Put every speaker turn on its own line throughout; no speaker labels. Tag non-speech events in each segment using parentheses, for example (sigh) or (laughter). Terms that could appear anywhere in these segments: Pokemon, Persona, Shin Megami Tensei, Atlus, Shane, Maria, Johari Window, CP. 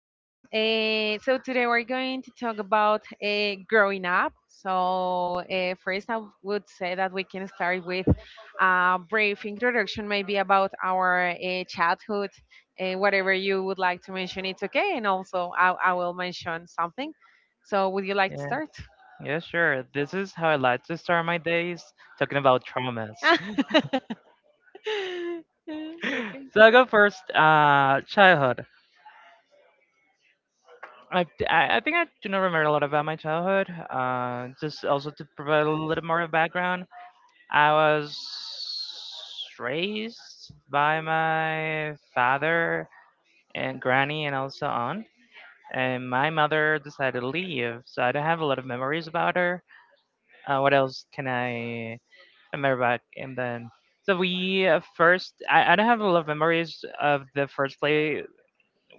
Well, so today we're going to talk about growing up. So, first, I would say that we can start with a brief introduction, maybe about our childhood, whatever you would like to mention. It's okay. And also, I will mention something. So, would you like to
Yeah,
start?
yeah, sure. This is how I like to start my days, talking about traumas.
(laughs)
(laughs)
(laughs) Okay.
So I go first. Childhood. I, I think I do not remember a lot about my childhood. Just also to provide a little more of background, I was raised by my father and granny and also aunt. And my mother decided to leave, so I don't have a lot of memories about her. What else can I. And we're back. And then, so I don't have a lot of memories of the first place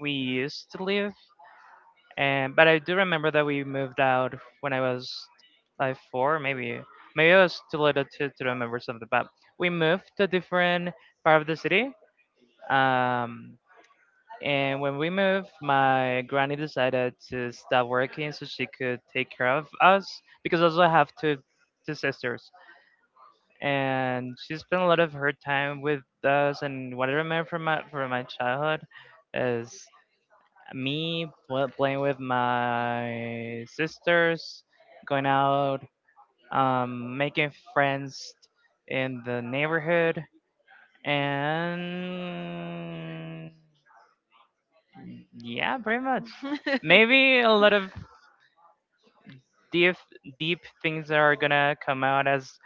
we used to live, and but I do remember that we moved out when I was like four, maybe. Maybe I was too little to remember something, but we moved to a different part of the city. Um, and when we moved, my granny decided to stop working so she could take care of us because also I have two sisters. And she spent a lot of her time with us. And what I remember from my childhood is me playing with my sisters, going out, making friends in the neighborhood, and yeah, pretty much. (laughs) Maybe a lot of
(laughs)
deep deep things are gonna come out as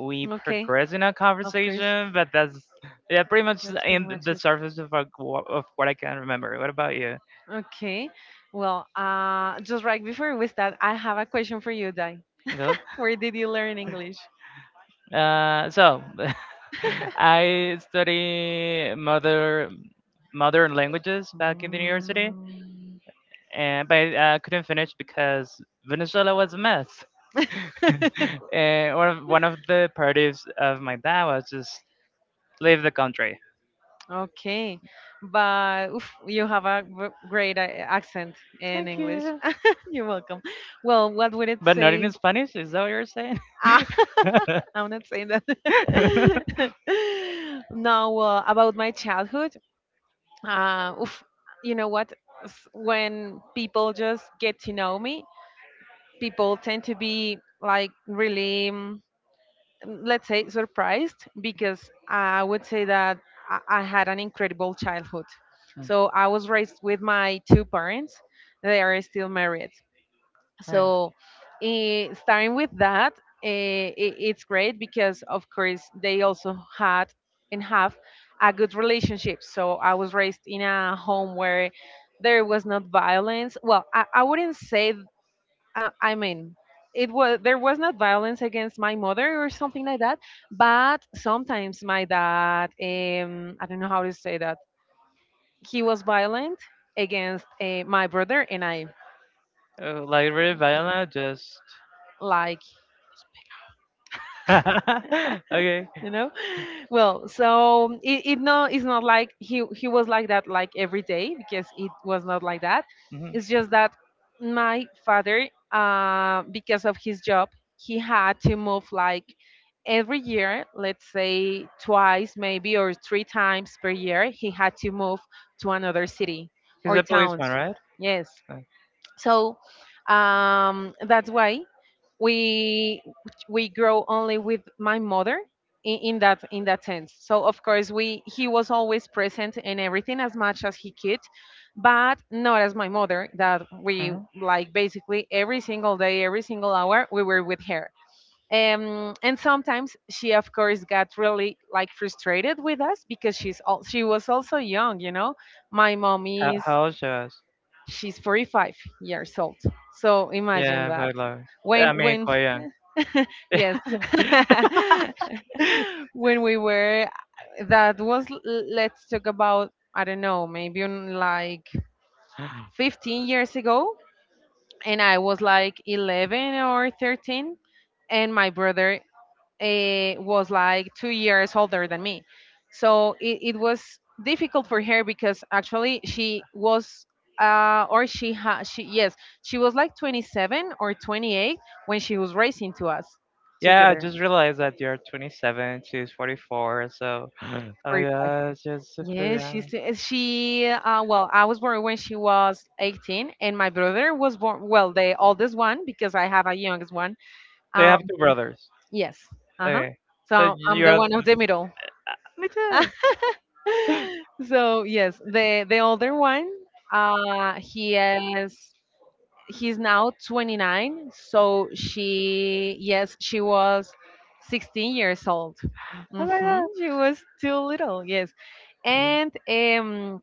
we
Okay.
progress in our
Of course.
conversation, but that's yeah, pretty much
That's pretty
in
much
the
it.
surface of, of what I can remember. What about you?
Okay. Well, just right before we start, I have a question for you, Dai.
Go.
Where did you learn English?
So (laughs) I study mother modern languages back in the university,
Mm.
and but I couldn't finish because Venezuela was a mess. (laughs)
(laughs)
And one of the priorities of my dad was just leave the country.
Okay, but oof, you have a great accent in
Thank
English.
you.
(laughs) You're welcome. Well, what would it
But not in
say?
Spanish. Is that what you're saying? (laughs)
(laughs) I'm not saying that.
(laughs)
(laughs) No, about my childhood. Oof, you know what? When people just get to know me, people tend to be like, really, let's say, surprised, because I would say that I had an incredible childhood. So I was raised with my two parents. They are still married.
Nice.
So, starting with that, eh, I it's great because, of course, they also had and have a good relationship. So, I was raised in a home where there was not violence. Well, I wouldn't say, I mean, it was there was not violence against my mother or something like that, but sometimes my dad, I don't know how to say that, he was violent against my brother and I,
Oh, like really violent, just
like,
(laughs) okay.
you know well, so, it, no, it's not like he was like that, like every day, because it was not like that.
Hmm.
It's just that my father, because of his job, he had to move, like, every year. Let's say twice maybe, or three times per year, he had to move to another city
He's
or
a
towns.
policeman, right?
Yes. So, that's why we we grow only with my mother, in that sense. So, of course, we he was always present in everything as much as he could, but not as my mother, that we,
Mm-hmm.
like, basically every single day, every single hour, we were with her. And sometimes she, of course, got really, like, frustrated with us, because she was also young. My mom, is
How old she was?
she's 45 years old, so imagine
Yeah,
that,
quite long. I
when,
mean, quite young.
yes, (laughs) when we were that was l- let's talk about, I don't know, maybe on like
(laughs)
15 years ago, and I was like 11 or 13. And my brother, was like 2 years older than me. So, it was difficult for her, because actually she was, or she had, she, yes, she was like 27 or 28 when she was racing to us
Yeah, I
together.
just realized that you're 27, she's 44, so (laughs) oh my
45.
god, she's super
Yes,
young.
well, I was born when she was 18, and my brother was born, well, the oldest one, because I have a youngest one.
They have
Um,
two brothers.
yes. Uh-huh.
Okay. So
So I'm the
you're
one of the middle.
me too.
(laughs) (laughs) So, yes, the older one, uh, he is he's now 29. So she, yes, she was 16 years old.
Oh my god.
She was too little, yes. And,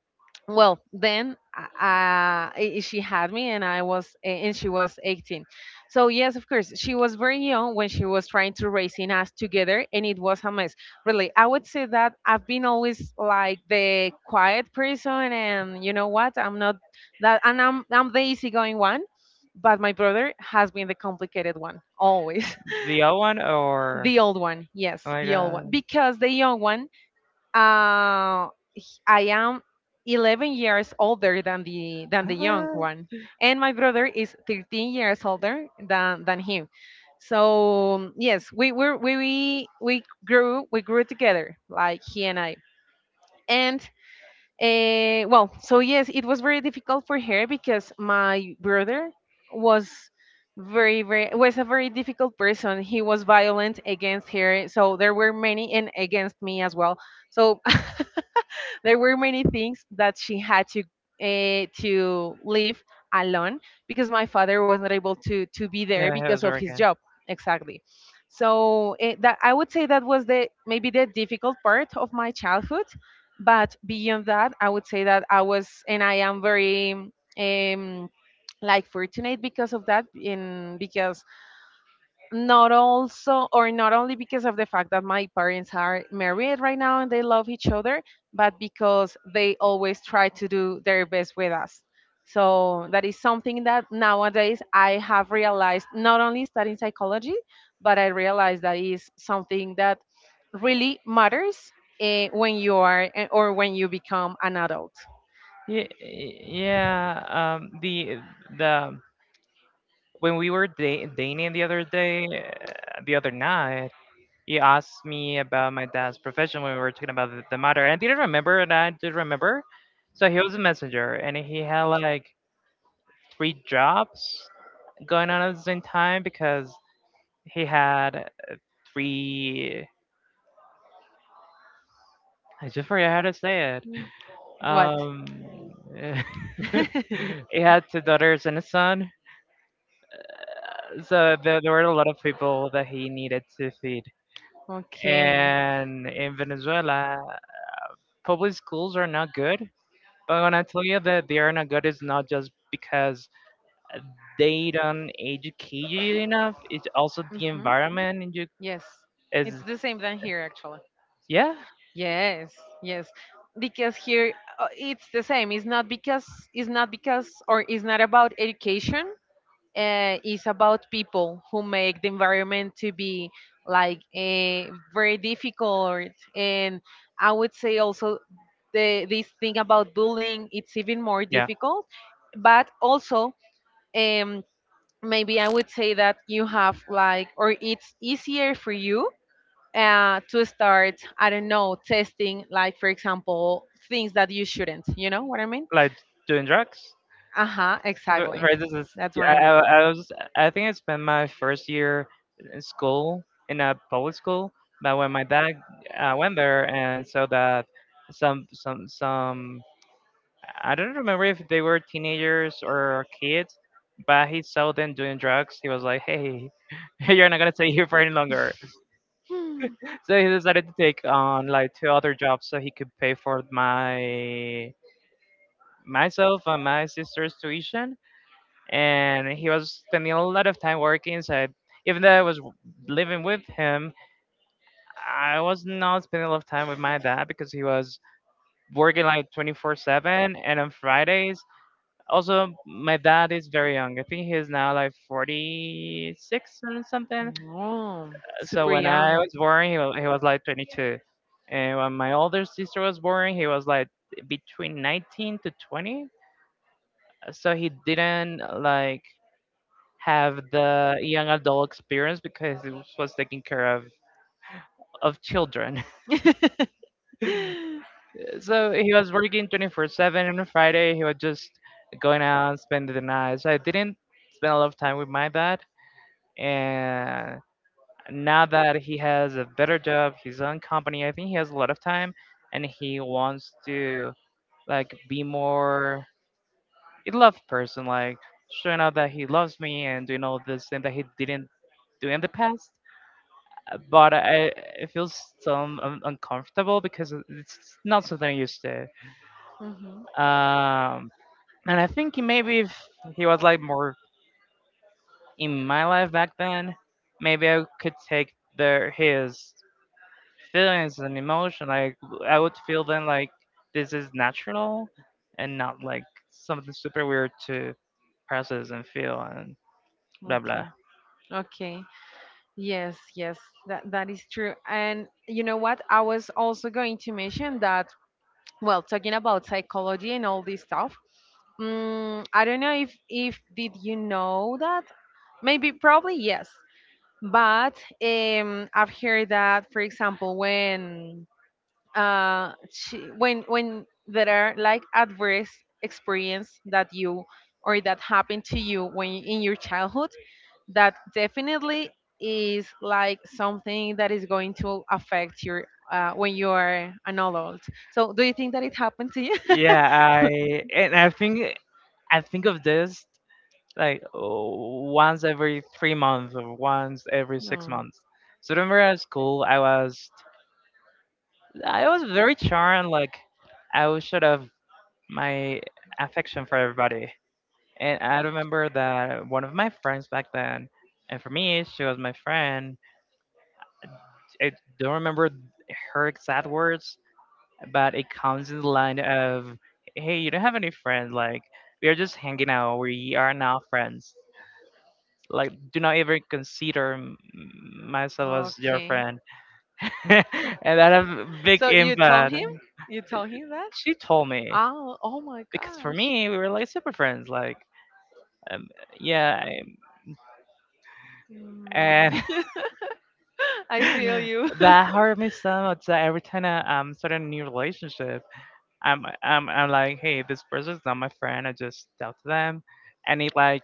well, then, she had me, and she was 18. So, yes, of course, she was very young when she was trying to raising us together, and it was a mess. Really, I would say that I've been always, like, the quiet person, and you know what? I'm not that, and I'm the easygoing one, but my brother has been the complicated one always.
The old one
(laughs)
or
The old one, yes,
oh my
the old
god.
one, because the young one, uh, I am 11 years older than
Oh
the young
my
one, and my brother is 13 years older than him. So, yes, we were we grew together, like, he and I. And well, so, yes, it was very difficult for her because my brother was very, very was a very difficult person. He was violent against her, so there were many, and against me as well. So, (laughs) (laughs) there were many things that she had to, to live alone, because my father was not able to be
god.
there
Yeah, it was
because of
really.
his job. Exactly. So, that, I would say that was the maybe the difficult part of my childhood. But beyond that, I would say that I was, and I am, very um like, fortunate, because of that, in because, not also, or not only because of the fact that my parents are married right now and they love each other, but because they always try to do their best with us. So that is something that nowadays I have realized, not only studying psychology, but I realized that is something that really matters, when you are, or when you become an adult.
Yeah, yeah. The when we were dating the other day, the other night, he asked me about my dad's profession when we were talking about the matter, and I didn't remember, and I did remember. So he was a messenger, and he had like three jobs going on at the same time because he had three. I just forget how to say it.
What?
Um,
(laughs)
(laughs) he had two daughters and a son. So there were a lot of people that he needed to feed.
Okay.
And in Venezuela, public schools are not good. But when I tell you that they are not good, it's not just because they don't educate you enough. It's also the
Mm-hmm.
environment. And you
Yes, it's
is
the same than here actually.
yeah.
Yes, yes, because here, it's the same. It's not because, or it's not about education. It's about people who make the environment to be, like, very difficult, and I would say also the this thing about bullying. It's even more
Yeah.
difficult, but also, um, maybe I would say that you have, like, or it's easier for you, to start, I don't know, testing, like, for example, things that you shouldn't. You know what I mean?
Like doing drugs?
Uh huh, exactly.
For instance,
That's what
I,
I mean.
I, I was I think I spent my first year in school in a public school, but when my dad went there and saw that some I don't remember if they were teenagers or kids, but he saw them doing drugs. He was like, "Hey, (laughs) you're not gonna stay here for any longer." (laughs)
Hmm.
So he decided to take on like two other jobs so he could pay for my myself and my sister's tuition. And he was spending a lot of time working. So even though I was living with him, I was not spending a lot of time with my dad because he was working like 24/7. And on Fridays, also, my dad is very young. I think he's now like 46 and something.
Oh,
So
super
when I
young. (laughs)
was born, he was like 22. And when my older sister was born, he was like between 19 to 20. So he didn't like have the young adult experience because he was taking care of children. (laughs) So he was working 24/7 and on Friday he was just going out, and spending the night. So I didn't spend a lot of time with my dad and now that he has a better job, his own company, I think he has a lot of time and he wants to like be more a loved person, like showing out that he loves me and doing all this thing that he didn't do in the past. But I it feels so uncomfortable because it's not something I'm used to.
Mhm.
Um, and I think maybe if he was like more in my life back then, maybe I could take their his feelings and emotion like I would feel then like this is natural and not like something super weird to process and feel and blah
Okay.
blah.
Okay. Yes, yes. That is true. And you know what? I was also going to mention that, well, talking about psychology and all this stuff, I don't know if did you know that? Maybe probably yes. But, I've heard that, for example, when, uh, there are, like, adverse experience that happened to you when in your childhood, that definitely is, like, something that is going to affect your, when you are an adult. So, do you think that it happened to you? (laughs)
Yeah, I think I think of this like once every 3 months or once every six
No.
months So remember at school I was very charmed, like I was sort of my affection for everybody. And I remember that one of my friends back then, and for me, she was my friend. I don't remember her exact words, but it comes in the line of, "Hey, you don't have any friends. Like we are just hanging out. We are not friends. Like do not even consider myself as your
Okay.
friend." (laughs) And that had a big
So you told
impact.
him? You told him that?
She told me
Oh, oh my
because for
gosh.
me, we were like super friends. Like um, yeah, and
Mm. (laughs) I feel you.
(laughs) that hurt me so much that every time I start a new relationship, I'm like, hey, this person's not my friend. I just talk to them. I need like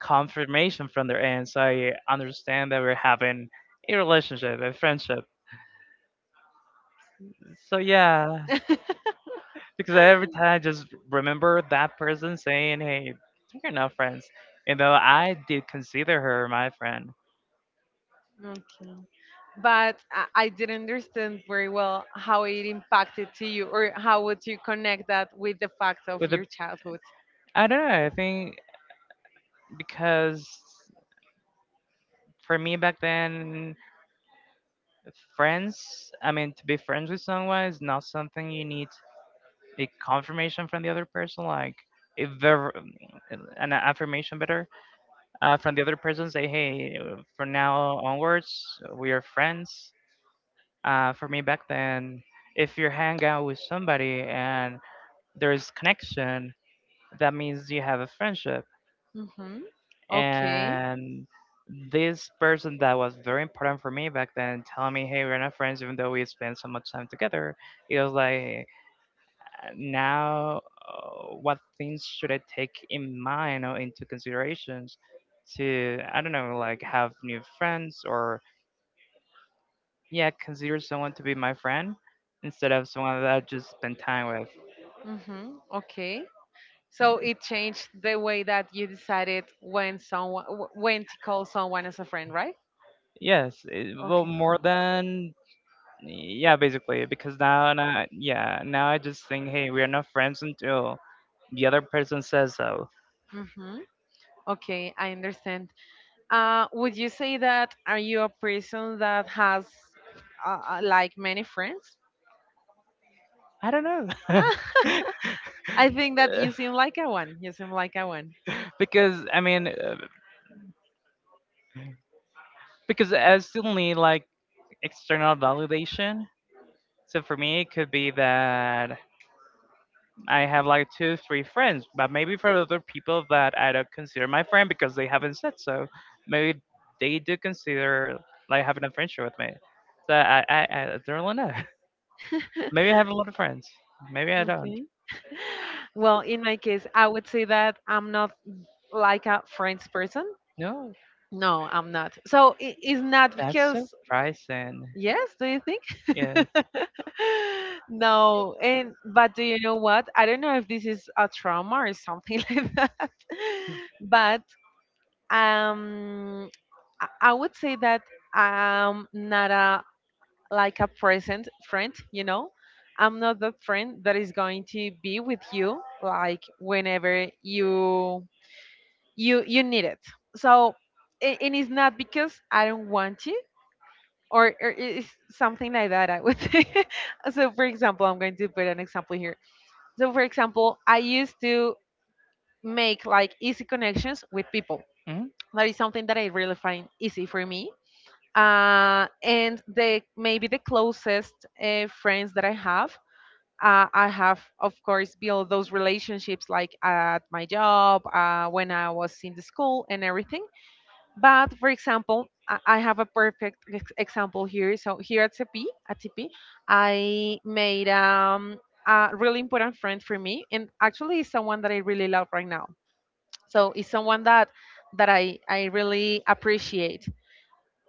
confirmation from their end, so I understand that we're having a relationship, a friendship. So yeah, because every
(laughs)
time I just remember that person saying, hey, we're not friends, even though I did consider her my friend.
Okay. But I didn't understand very well how it impacted to you, or how would you connect that with the fact of
With the
your childhood?
I don't know, I think because for me back then friends I mean to be friends with someone is not something you need a confirmation from the other person, like a ver- an affirmation better from the other person say hey from now onwards we are friends. For me back then, if you hang out with somebody and there is connection, that means you have a friendship.
Mm-hmm. Okay.
And this person that was very important for me back then telling me hey we're not friends, even though we spend so much time together, it was like now what things should I take in mind or into considerations to I don't know like have new friends or yeah consider someone to be my friend instead of someone that I just spend time with.
Mm-hmm. Okay. So it changed the way that you decided when someone, when to call someone as a friend, right?
yes it, well
Okay.
more than Yeah, basically, because now, yeah, now I just think, hey, we are not friends until the other person says so.
Mm-hmm. Okay, I understand. Would you say that, are you a person that has, like, many friends?
I don't know.
(laughs) I think that you seem like a one. You seem like a one.
(laughs) Because I mean, because I still need like external validation. So for me, it could be that I have like two, three friends, but maybe for other people that I don't consider my friend because they haven't said so, maybe they do consider like having a friendship with me. So I don't really know.
(laughs)
Maybe I have a lot of friends. Maybe I don't.
Okay. Well, in my case, I would say that I'm not like a friends person.
No,
No, I'm not. So, it's not
that's
because,
surprising.
yes, do you think?
Yes.
(laughs) No, and but, do you know what? I don't know if this is a trauma or something (laughs) like that. But, um I would say that I'm not a, like, a present friend, I'm not that friend that is going to be with you, like, whenever you need it. So, and it's not because I don't want to, or it's something like that, I would say. (laughs) So, for example, I'm going to put an example here. So, for example, I used to make, like, easy connections with people.
Mm-hmm.
That is something that I really find easy for me And the maybe the closest friends that I have. I have, of course, built those relationships, like, at my job, when I was in the school, and everything. But, for example, I have a perfect example here. So here at CP, I made, a really important friend for me, and actually is someone that I really love right now. So it's someone that I really appreciate,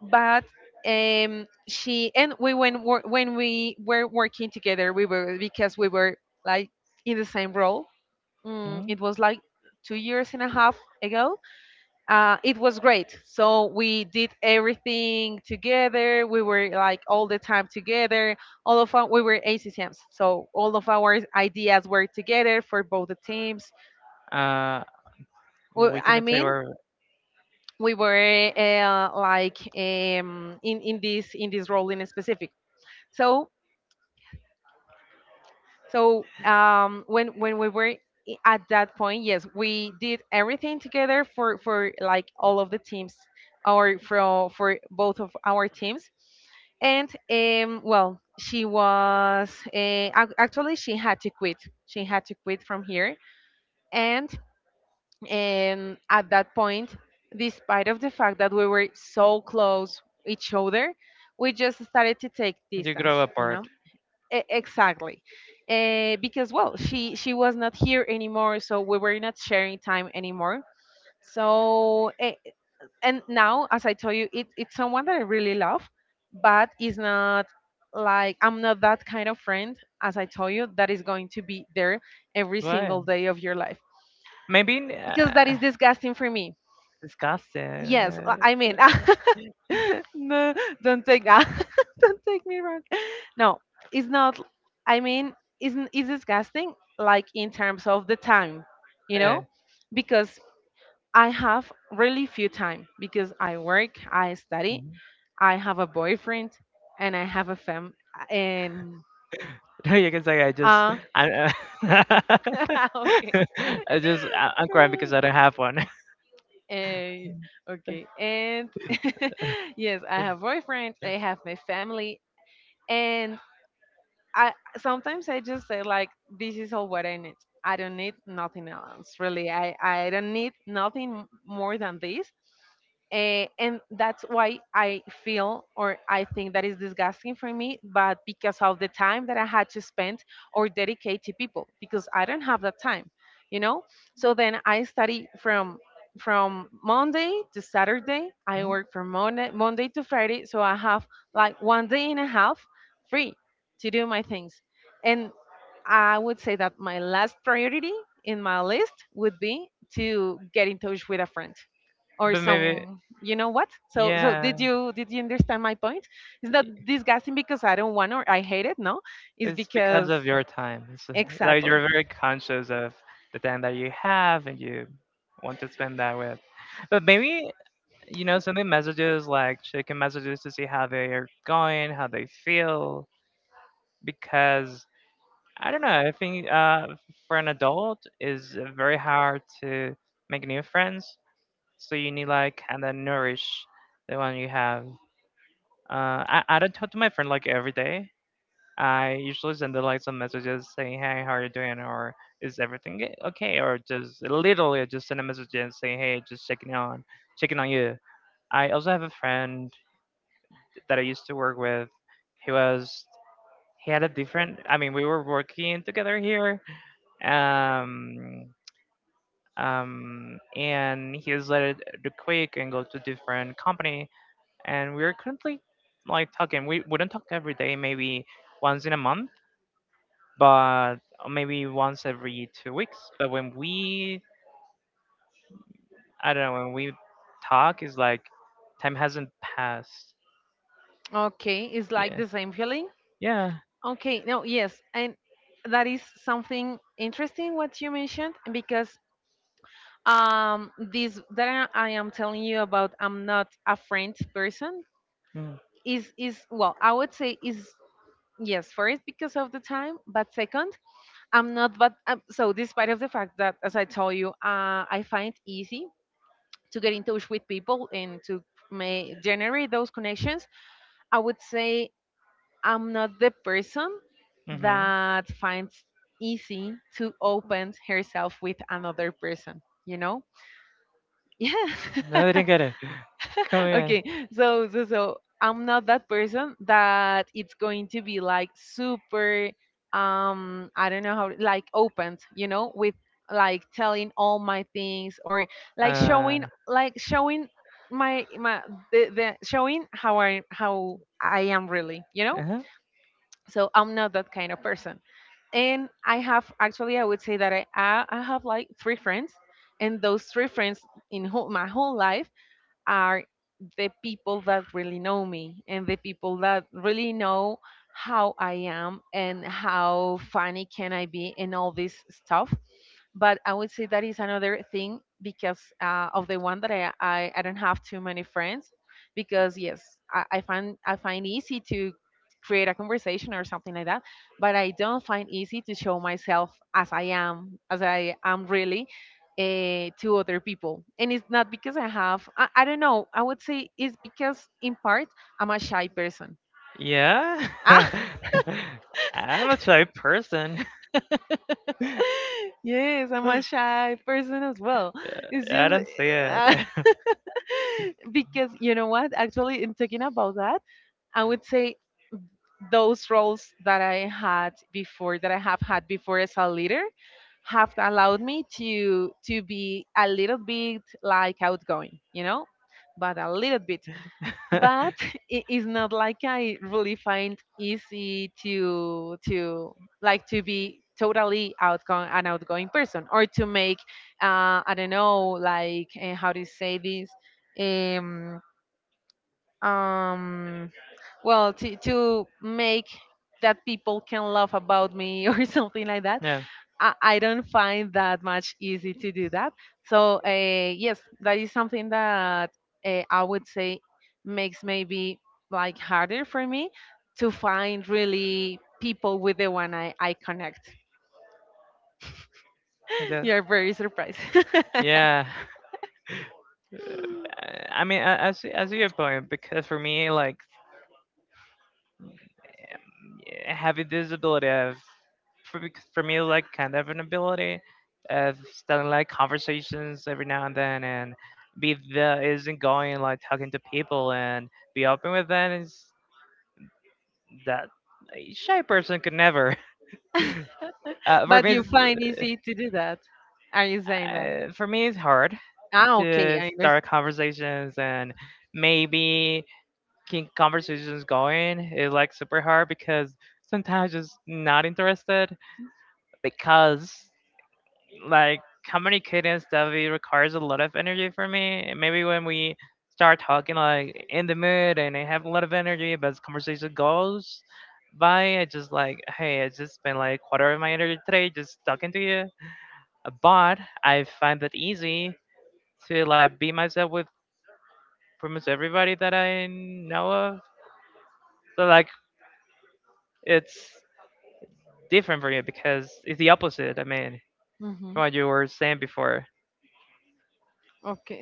but, she, and we, when we were working together, we were, like, in the same role. It was like 2 years and a half ago. It was great. So we did everything together. We were, like, all the time together. We were ACCMs, so all of our ideas were together for both the teams.
Uh,
Well,
we
I
cannot say
mean,
where
we were, like, in this role in specific. So, when at that point, yes, we did everything together for like all of the teams, or for both of our teams, and, well, she was, actually she had to quit. She had to quit from here, and at that point, despite of the fact that we were so close each other, we just started to take
you
distance,
grow apart.
E- exactly because well she was not here anymore, so we were not sharing time anymore, so and now, as I told you, it's someone that I really love, but it's not, like, I'm not that kind of friend, as I told you, that is going to be there every
Why?
single day of your life
Maybe in,
because that is disgusting for me.
disgusting.
Yes, I mean, (laughs) no, don't take (laughs) don't take me wrong. No, it's not. I mean, isn't it's disgusting? Like, in terms of the time, you
Uh.
know, because I have really few time because I work, I study,
Mhm.
I have a boyfriend, and I have a fam. And
(laughs) No, you can say I just
uh,
I, uh, (laughs)
(laughs) okay.
I just I'm crying because I don't have one.
Eh, okay. And (laughs) yes, I have boyfriend. I have my family. And I sometimes I just say like, this is all what I need. I don't need nothing else, really. I don't need nothing more than this. Eh, and that's why I feel or I think that is disgusting for me, but because of the time that I had to spend or dedicate to people, because I don't have that time, you know. So then I study from monday to saturday, I work
(laughs)
from monday to friday, so I have like one day and a half free to do my things. And I would say that my last priority in my list would be to get in touch with a friend or
But maybe,
some, you know what. So so did
yeah,
you did you understand my point? It's not disgusting because I don't want or I hate it, no, it's
it's because
because
of your time. It's like
exactly.
you're very conscious of the time that you have and you want to spend that with. But maybe, you know, sending messages like checking messages to see how they're going, how they feel, because I don't know, I think for an adult is very hard to make new friends. So you need like kind of nourish the one you have. I don't talk to my friend like every day. I usually send her like some messages saying, "Hey, how are you doing?" or "Is everything okay?" or just literally just send a message and say, "Hey, just checking on, checking on you." I also have a friend that I used to work with. He was he had a different. I mean, we were working together here. Um, and he was let the quick and go to different company. And we are currently like talking. We don't talk every day. Maybe once in a month but maybe once every 2 weeks. But when we, I don't know, when we talk, it's like time hasn't passed.
Okay, it's like
Yeah,
the same feeling.
yeah.
Okay, no, yes, and that is something interesting what you mentioned because this that I am telling you about, I'm not a friend person,
Mm.
is, well, I would say, is yes, first because of the time, but second, I'm not, but so despite of the fact that, as I told you, I find easy to get in touch with people and to may generate those connections, I would say I'm not the person
Hmm.
that finds easy to open herself with another person, you know. Yeah. (laughs)
No, they didn't get it. (laughs) Come again.
Okay, so I'm not that person that it's going to be like super, I don't know how, like opened, you know, with like telling all my things, or like
Uh,
showing, like showing my the showing how I am really, you know.
uh-huh.
So I'm not that kind of person. And I have, actually, I would say that I have like three friends, and those three friends in whole, my whole life, are the people that really know me and the people that really know how I am and how funny can I be and all this stuff. But I would say that is another thing because, of the one that I I don't have too many friends, because yes, I find, I find easy to create a conversation or something like that, but I don't find easy to show myself as I am, as I am really, to other people, and it's not because I have, I don't know, I would say it's because in part I'm a shy person.
Yeah.
Ah.
(laughs) I'm a shy person.
(laughs) Yes, I'm
(laughs)
a shy person as well. It's
Yeah, I
just
don't see
(laughs) (laughs) because, you know what, actually in talking about that, I would say those roles that I had before, that I have had before as a leader, have allowed me to be a little bit like outgoing, you know, but a little bit.
it.
But
(laughs)
(laughs) it is not like I really find easy to like to be totally outgoing, an outgoing person, or to make, I don't know, like, how do you say this, um well, to make that people can laugh about me (laughs) or something like that.
Yeah,
I don't find that much easy to do that. So yes, that is something that I would say makes maybe like harder for me to find really people with the one I connect. (laughs)
that,
You're very surprised. (laughs)
yeah. (laughs) I mean, I, as see, your point because for me, like yeah, having this ability of, for me, like kind of an ability of starting like conversations every now and then and be the isn't going like talking to people and be open with them is that a shy person could never. (laughs) Uh, for
But
me,
you
it's,
find easy to do that, are you saying that?
For me, it's hard
Ah, okay,
to
I
start conversations and maybe keep conversations going. It's like super hard because sometimes just not interested because like communicating stuff it requires a lot of energy for me. And maybe when we start talking like in the mood and I have a lot of energy, but the conversation goes by, I just like hey, I just spent like quarter of my energy today just talking to you. But I find that easy to like be myself with pretty much everybody that I know of. So like it's different for you because it's the opposite. I mean,
understand.
from what you were saying before.
Okay.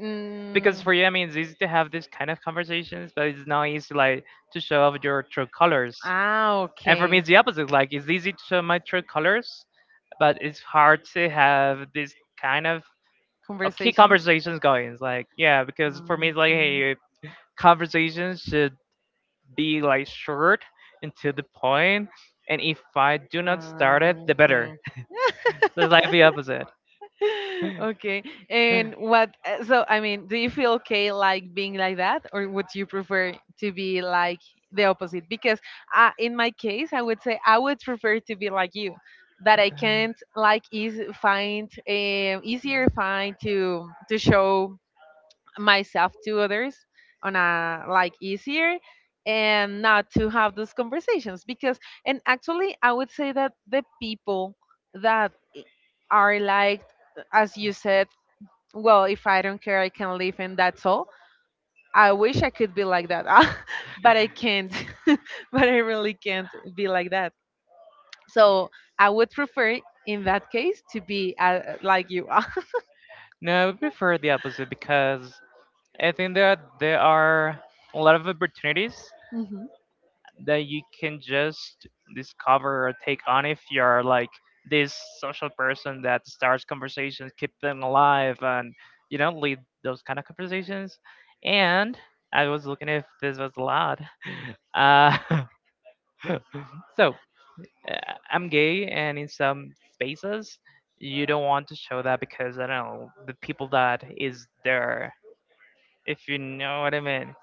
Because
Mm.
for you, I mean, it's easy to have these kind of conversations, but it's not easy like to show off your true colors.
Ah,
And for me,
okay.
it's the opposite. Like it's easy to show my true colors, but it's hard to have this kind of key
Conversations.
conversations going. It's like yeah, because
Mm,
for me, it's like
okay.
hey, conversations should be like short and to the point, and if I do not start it,
Ah,
the better.
okay. (laughs)
(laughs) So it's like the opposite. (laughs)
(laughs) Okay. And what, so I mean, do you feel okay like being like that, or would you prefer to be like the opposite? Because, in my case, I would say I would prefer to be like you, that I can't like easy find, easier find to show myself to others on a like easier, and not to have those conversations. Because, and actually, I would say that the people that are like, as you said, well, if I don't care, I can live and that's all. I wish I could be like that. (laughs) But I can't. (laughs) But I really can't be like that. So I would prefer in that case to be, like you are. (laughs)
No, I prefer the opposite because I think that there are a lot of opportunities
Mhm.
that you can just discover or take on if you're like this social person that starts conversations, keep them alive, and you know, lead those kind of conversations. And I was looking if this was allowed. (laughs) Uh, (laughs) (laughs) so uh, I'm gay, and in some spaces, you don't want to show that because I don't know the people that is there. If you know what I mean.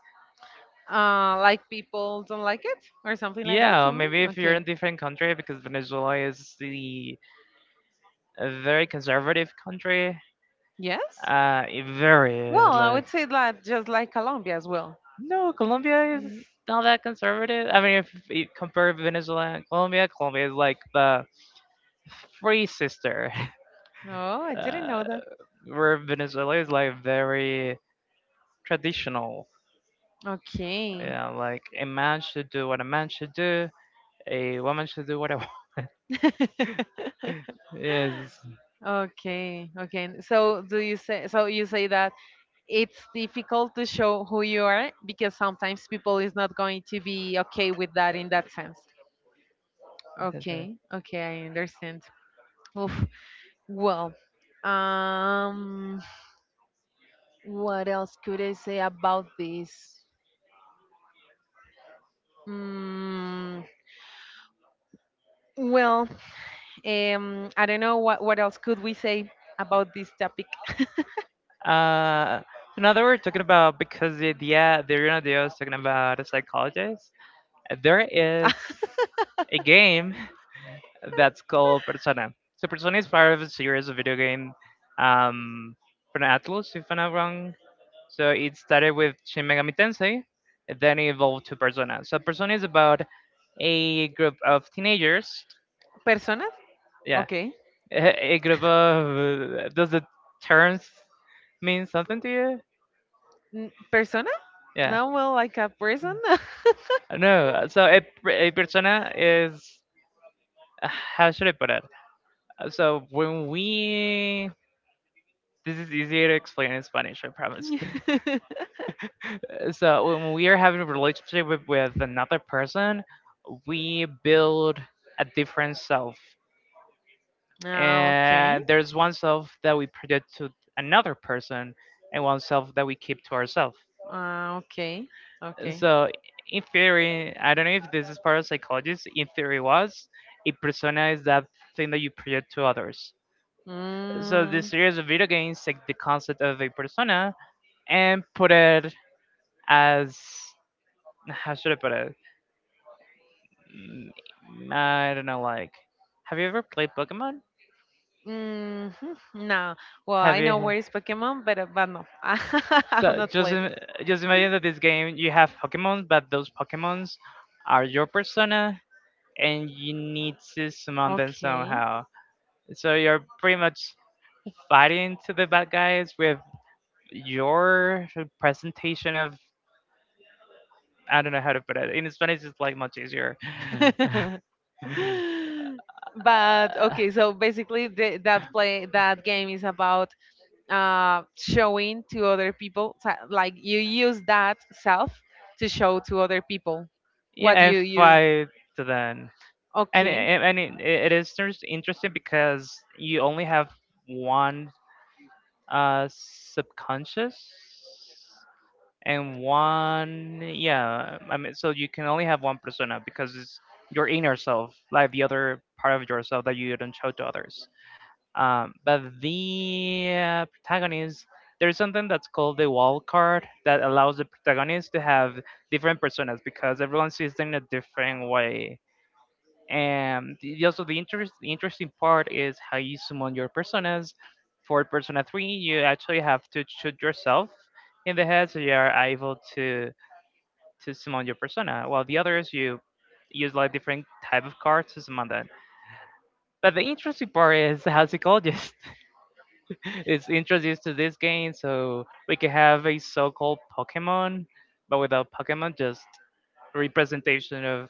Uh, like people don't like it or something like that,
Yeah,
you
maybe
mean,
if you're
okay.
in a different country because Venezuela is the a very conservative country.
Yes?
It very
Well, I
like,
would say that just like Colombia as well.
no, Colombia is
Mm.
not that conservative. I mean, if you compare Venezuela and Colombia, Colombia is like the free sister. (laughs)
Oh, I didn't
Uh,
know that.
where Venezuela is like very traditional.
Okay.
Yeah, like a man should do what a man should do, a woman should do what a
(laughs)
(laughs) is.
Okay, okay. So do you say, so you say that it's difficult to show who you are because sometimes people is not going to be okay with that in that sense.
That's right.
Okay, okay, I understand. Oof. Well, um what else could I say about this? Mm, well, I don't know what else could we say about this topic.
Uh, so now that we're talking about because the Reno Dio is talking about a psychologist, there is a game (laughs) that's called Persona. So Persona is part of a series of video game, um, from Atlus, if I'm not wrong. So it started with Shin Megami Tensei, and then it evolved to Persona. So Persona is about a group of teenagers.
(laughs) Persona?
Yeah. (laughs)
Okay.
Agrabah, does the terms mean something to you?
N- Persona?
Yeah.
No, well, like a person?
No. So a persona is, how should I put it? So when we This is easier to explain in Spanish, I promise.
(laughs)
(laughs) So when we are having a relationship with another person, we build a different self.
Ah, okay.
And there's one self that we project to another person and one self that we keep to ourselves.
Ah, okay. Okay.
So in theory, I don't know if this is part of psychology. In theory, was a persona is that thing that you project to others. So the
Mm.
series of video games take the concept of a persona and put it as (sighs) how should I put it? I don't know. Like, have you ever played Pokemon?
Mhm. No. Well,
Have
I know
you?
where is Pokemon, but no, (laughs) I have
So
not
just
played.
im- just imagine that this game you have Pokemon, but those Pokemons are your persona, and you need to summon them
Okay. (laughs)
somehow. So you're pretty much fighting to the bad guys with your presentation of, I don't know how to put it. In Spanish, it's like much easier. (laughs)
(laughs) But
Uh,
okay, so basically the, that play that game is about, showing to other people, so, like, you use that self to show to other people
yeah,
what
and
you,
fight to then. And
okay.
and, and it is just interesting because you only have one subconscious and one, yeah, I mean, so you can only have one persona because it's your inner self, like the other part of yourself that you don't show to others, but the protagonist there's something that's called the wall card that allows the protagonist to have different personas because everyone sees them in a different way. And also, the interesting part is how you summon your personas. For persona 3 you actually have to shoot yourself in the head, so you are able to summon your persona, while the others you use like different type of cards to summon that. But the interesting part is how psychologist (laughs) is introduced to this game, so we can have a so-called Pokemon, but without Pokemon, just a representation of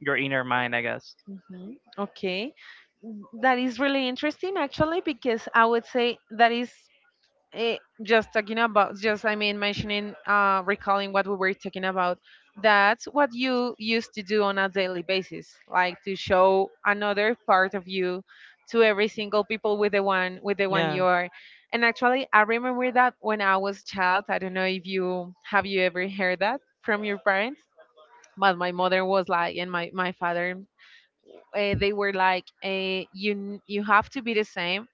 your inner mind, I guess.
Mhm. Okay. That is really interesting, actually, because I would say that is, eh, just talking about, just I mean, mentioning, uh, recalling what we were talking about, that's what you used to do on a daily basis, like to show another part of you to every single people with the one, with the one
Yeah.
you are. And actually, I remember that when I was child, I don't know if you have, you ever heard that from your parents, but my mother was like, and my father, they were like, you n- you have to be the same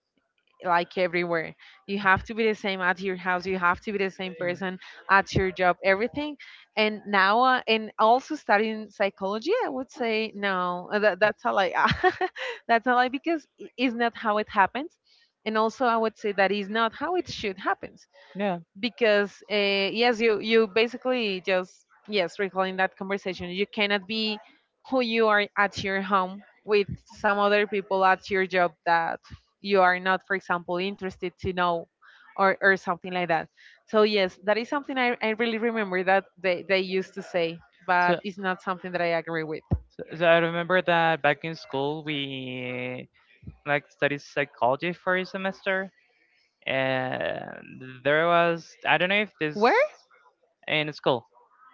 like everywhere. You have to be the same at your house. You have to be the same person at your job. Everything. And now, and also studying psychology, I would say no. Uh, that, that's a lie. (laughs) That's a lie because it's not how it happens. And also, I would say that is not how it should happen,
Mm. Yeah.
because, yes, you basically, just, yes, recalling that conversation, you cannot be who you are at your home with some other people at your job that you are not, for example, interested to know, or something like that. So yes, that is something I really remember that they used to say,
So,
but it's not something that I agree with.
so I remember that back in school we like studied psychology for a semester, and there was, I don't know if this
Where?
in school.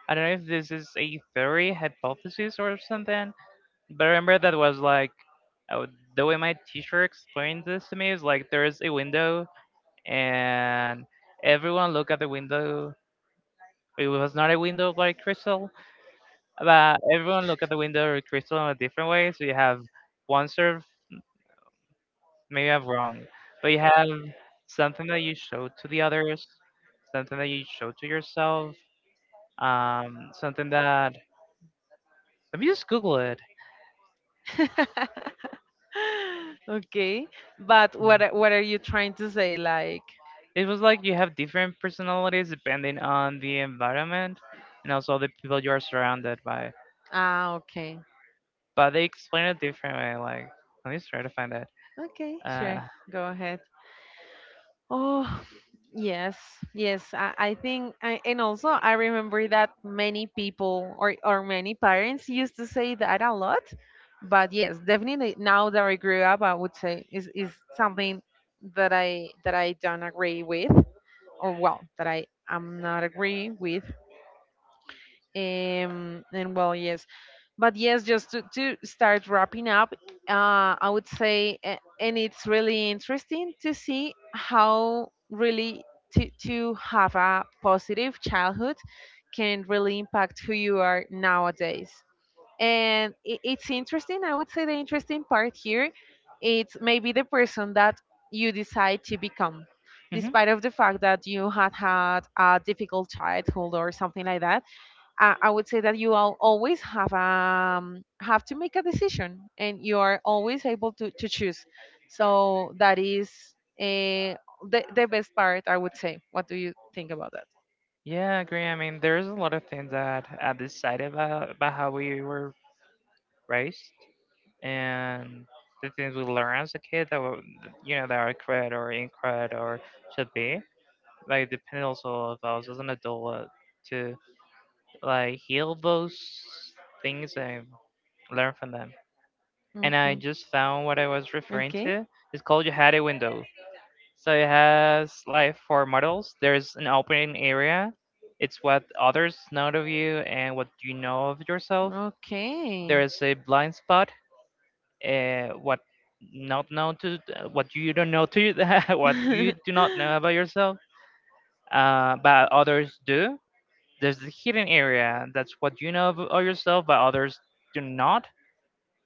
I don't know if this is a theory hypothesis or something, but I remember that was like, oh, the way my teacher explained this to me is like there is a window and everyone look at the window. It was not a window like crystal, but everyone look at the window or crystal in a different way. So you have one serve. Maybe I'm wrong, but you have something that you show to the others, something that you show to yourself, something that, let me just Google it.
(laughs) Okay, but
Yeah.
what are you trying to say like?
It was like you have different personalities depending on the environment and also the people you are surrounded by.
Ah, okay.
But they explain it different way. Like, let me just try to find that.
Okay, sure.
Uh,
Go ahead. Oh, yes, yes. I think, and also I remember that many people, or many parents used to say that a lot. But yes, definitely now that I grew up, I would say is something that I don't agree with, or well, that I am not agree with. And well, yes, but yes, just to start wrapping up, I would say a- and it's really interesting to see how really to have a positive childhood can really impact who you are nowadays. And it's interesting, I would say the interesting part here, it's maybe the person that you decide to become,
mhm.
despite of the fact that you had had a difficult childhood or something like that. I would say that you all always have to make a decision, and you are always able to choose. So that is, uh, the best part, I would say. What do you think about that?
Yeah, I agree. I mean, there's a lot of things that I decided about how we were raised. And the things we learn as a kid that were, that are cred or incred or should be. Like, depending also if I was as an adult to like heal those things and learn from them. And I just found what I was referring to. It's called You Had a Window. So it has like four models. There's an opening area. It's what others know of you and what you know of yourself.
Okay.
There is a blind spot, what not known to what you don't know to (laughs) what you
Okay.
do not
(laughs)
know about yourself, but others do. There's the hidden area, that's what you know about yourself but others do not.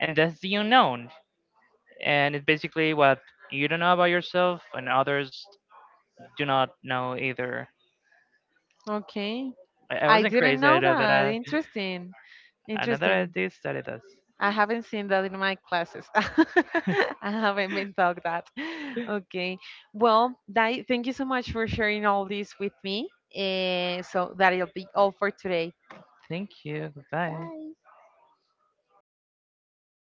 And that's the unknown, and it's basically what you don't know about yourself and others do not know either.
Okay.
I
I
wasn't
didn't
crazy, I
know
know that.
that.
i
Interesting.
i know that I
Interesting.
did study this.
I haven't seen that in my classes. (laughs) I haven't been taught that. Okay. Well, Dai, thank you so much for sharing all this with me. Eh, so that'll be all for today.
Thank you. Goodbye.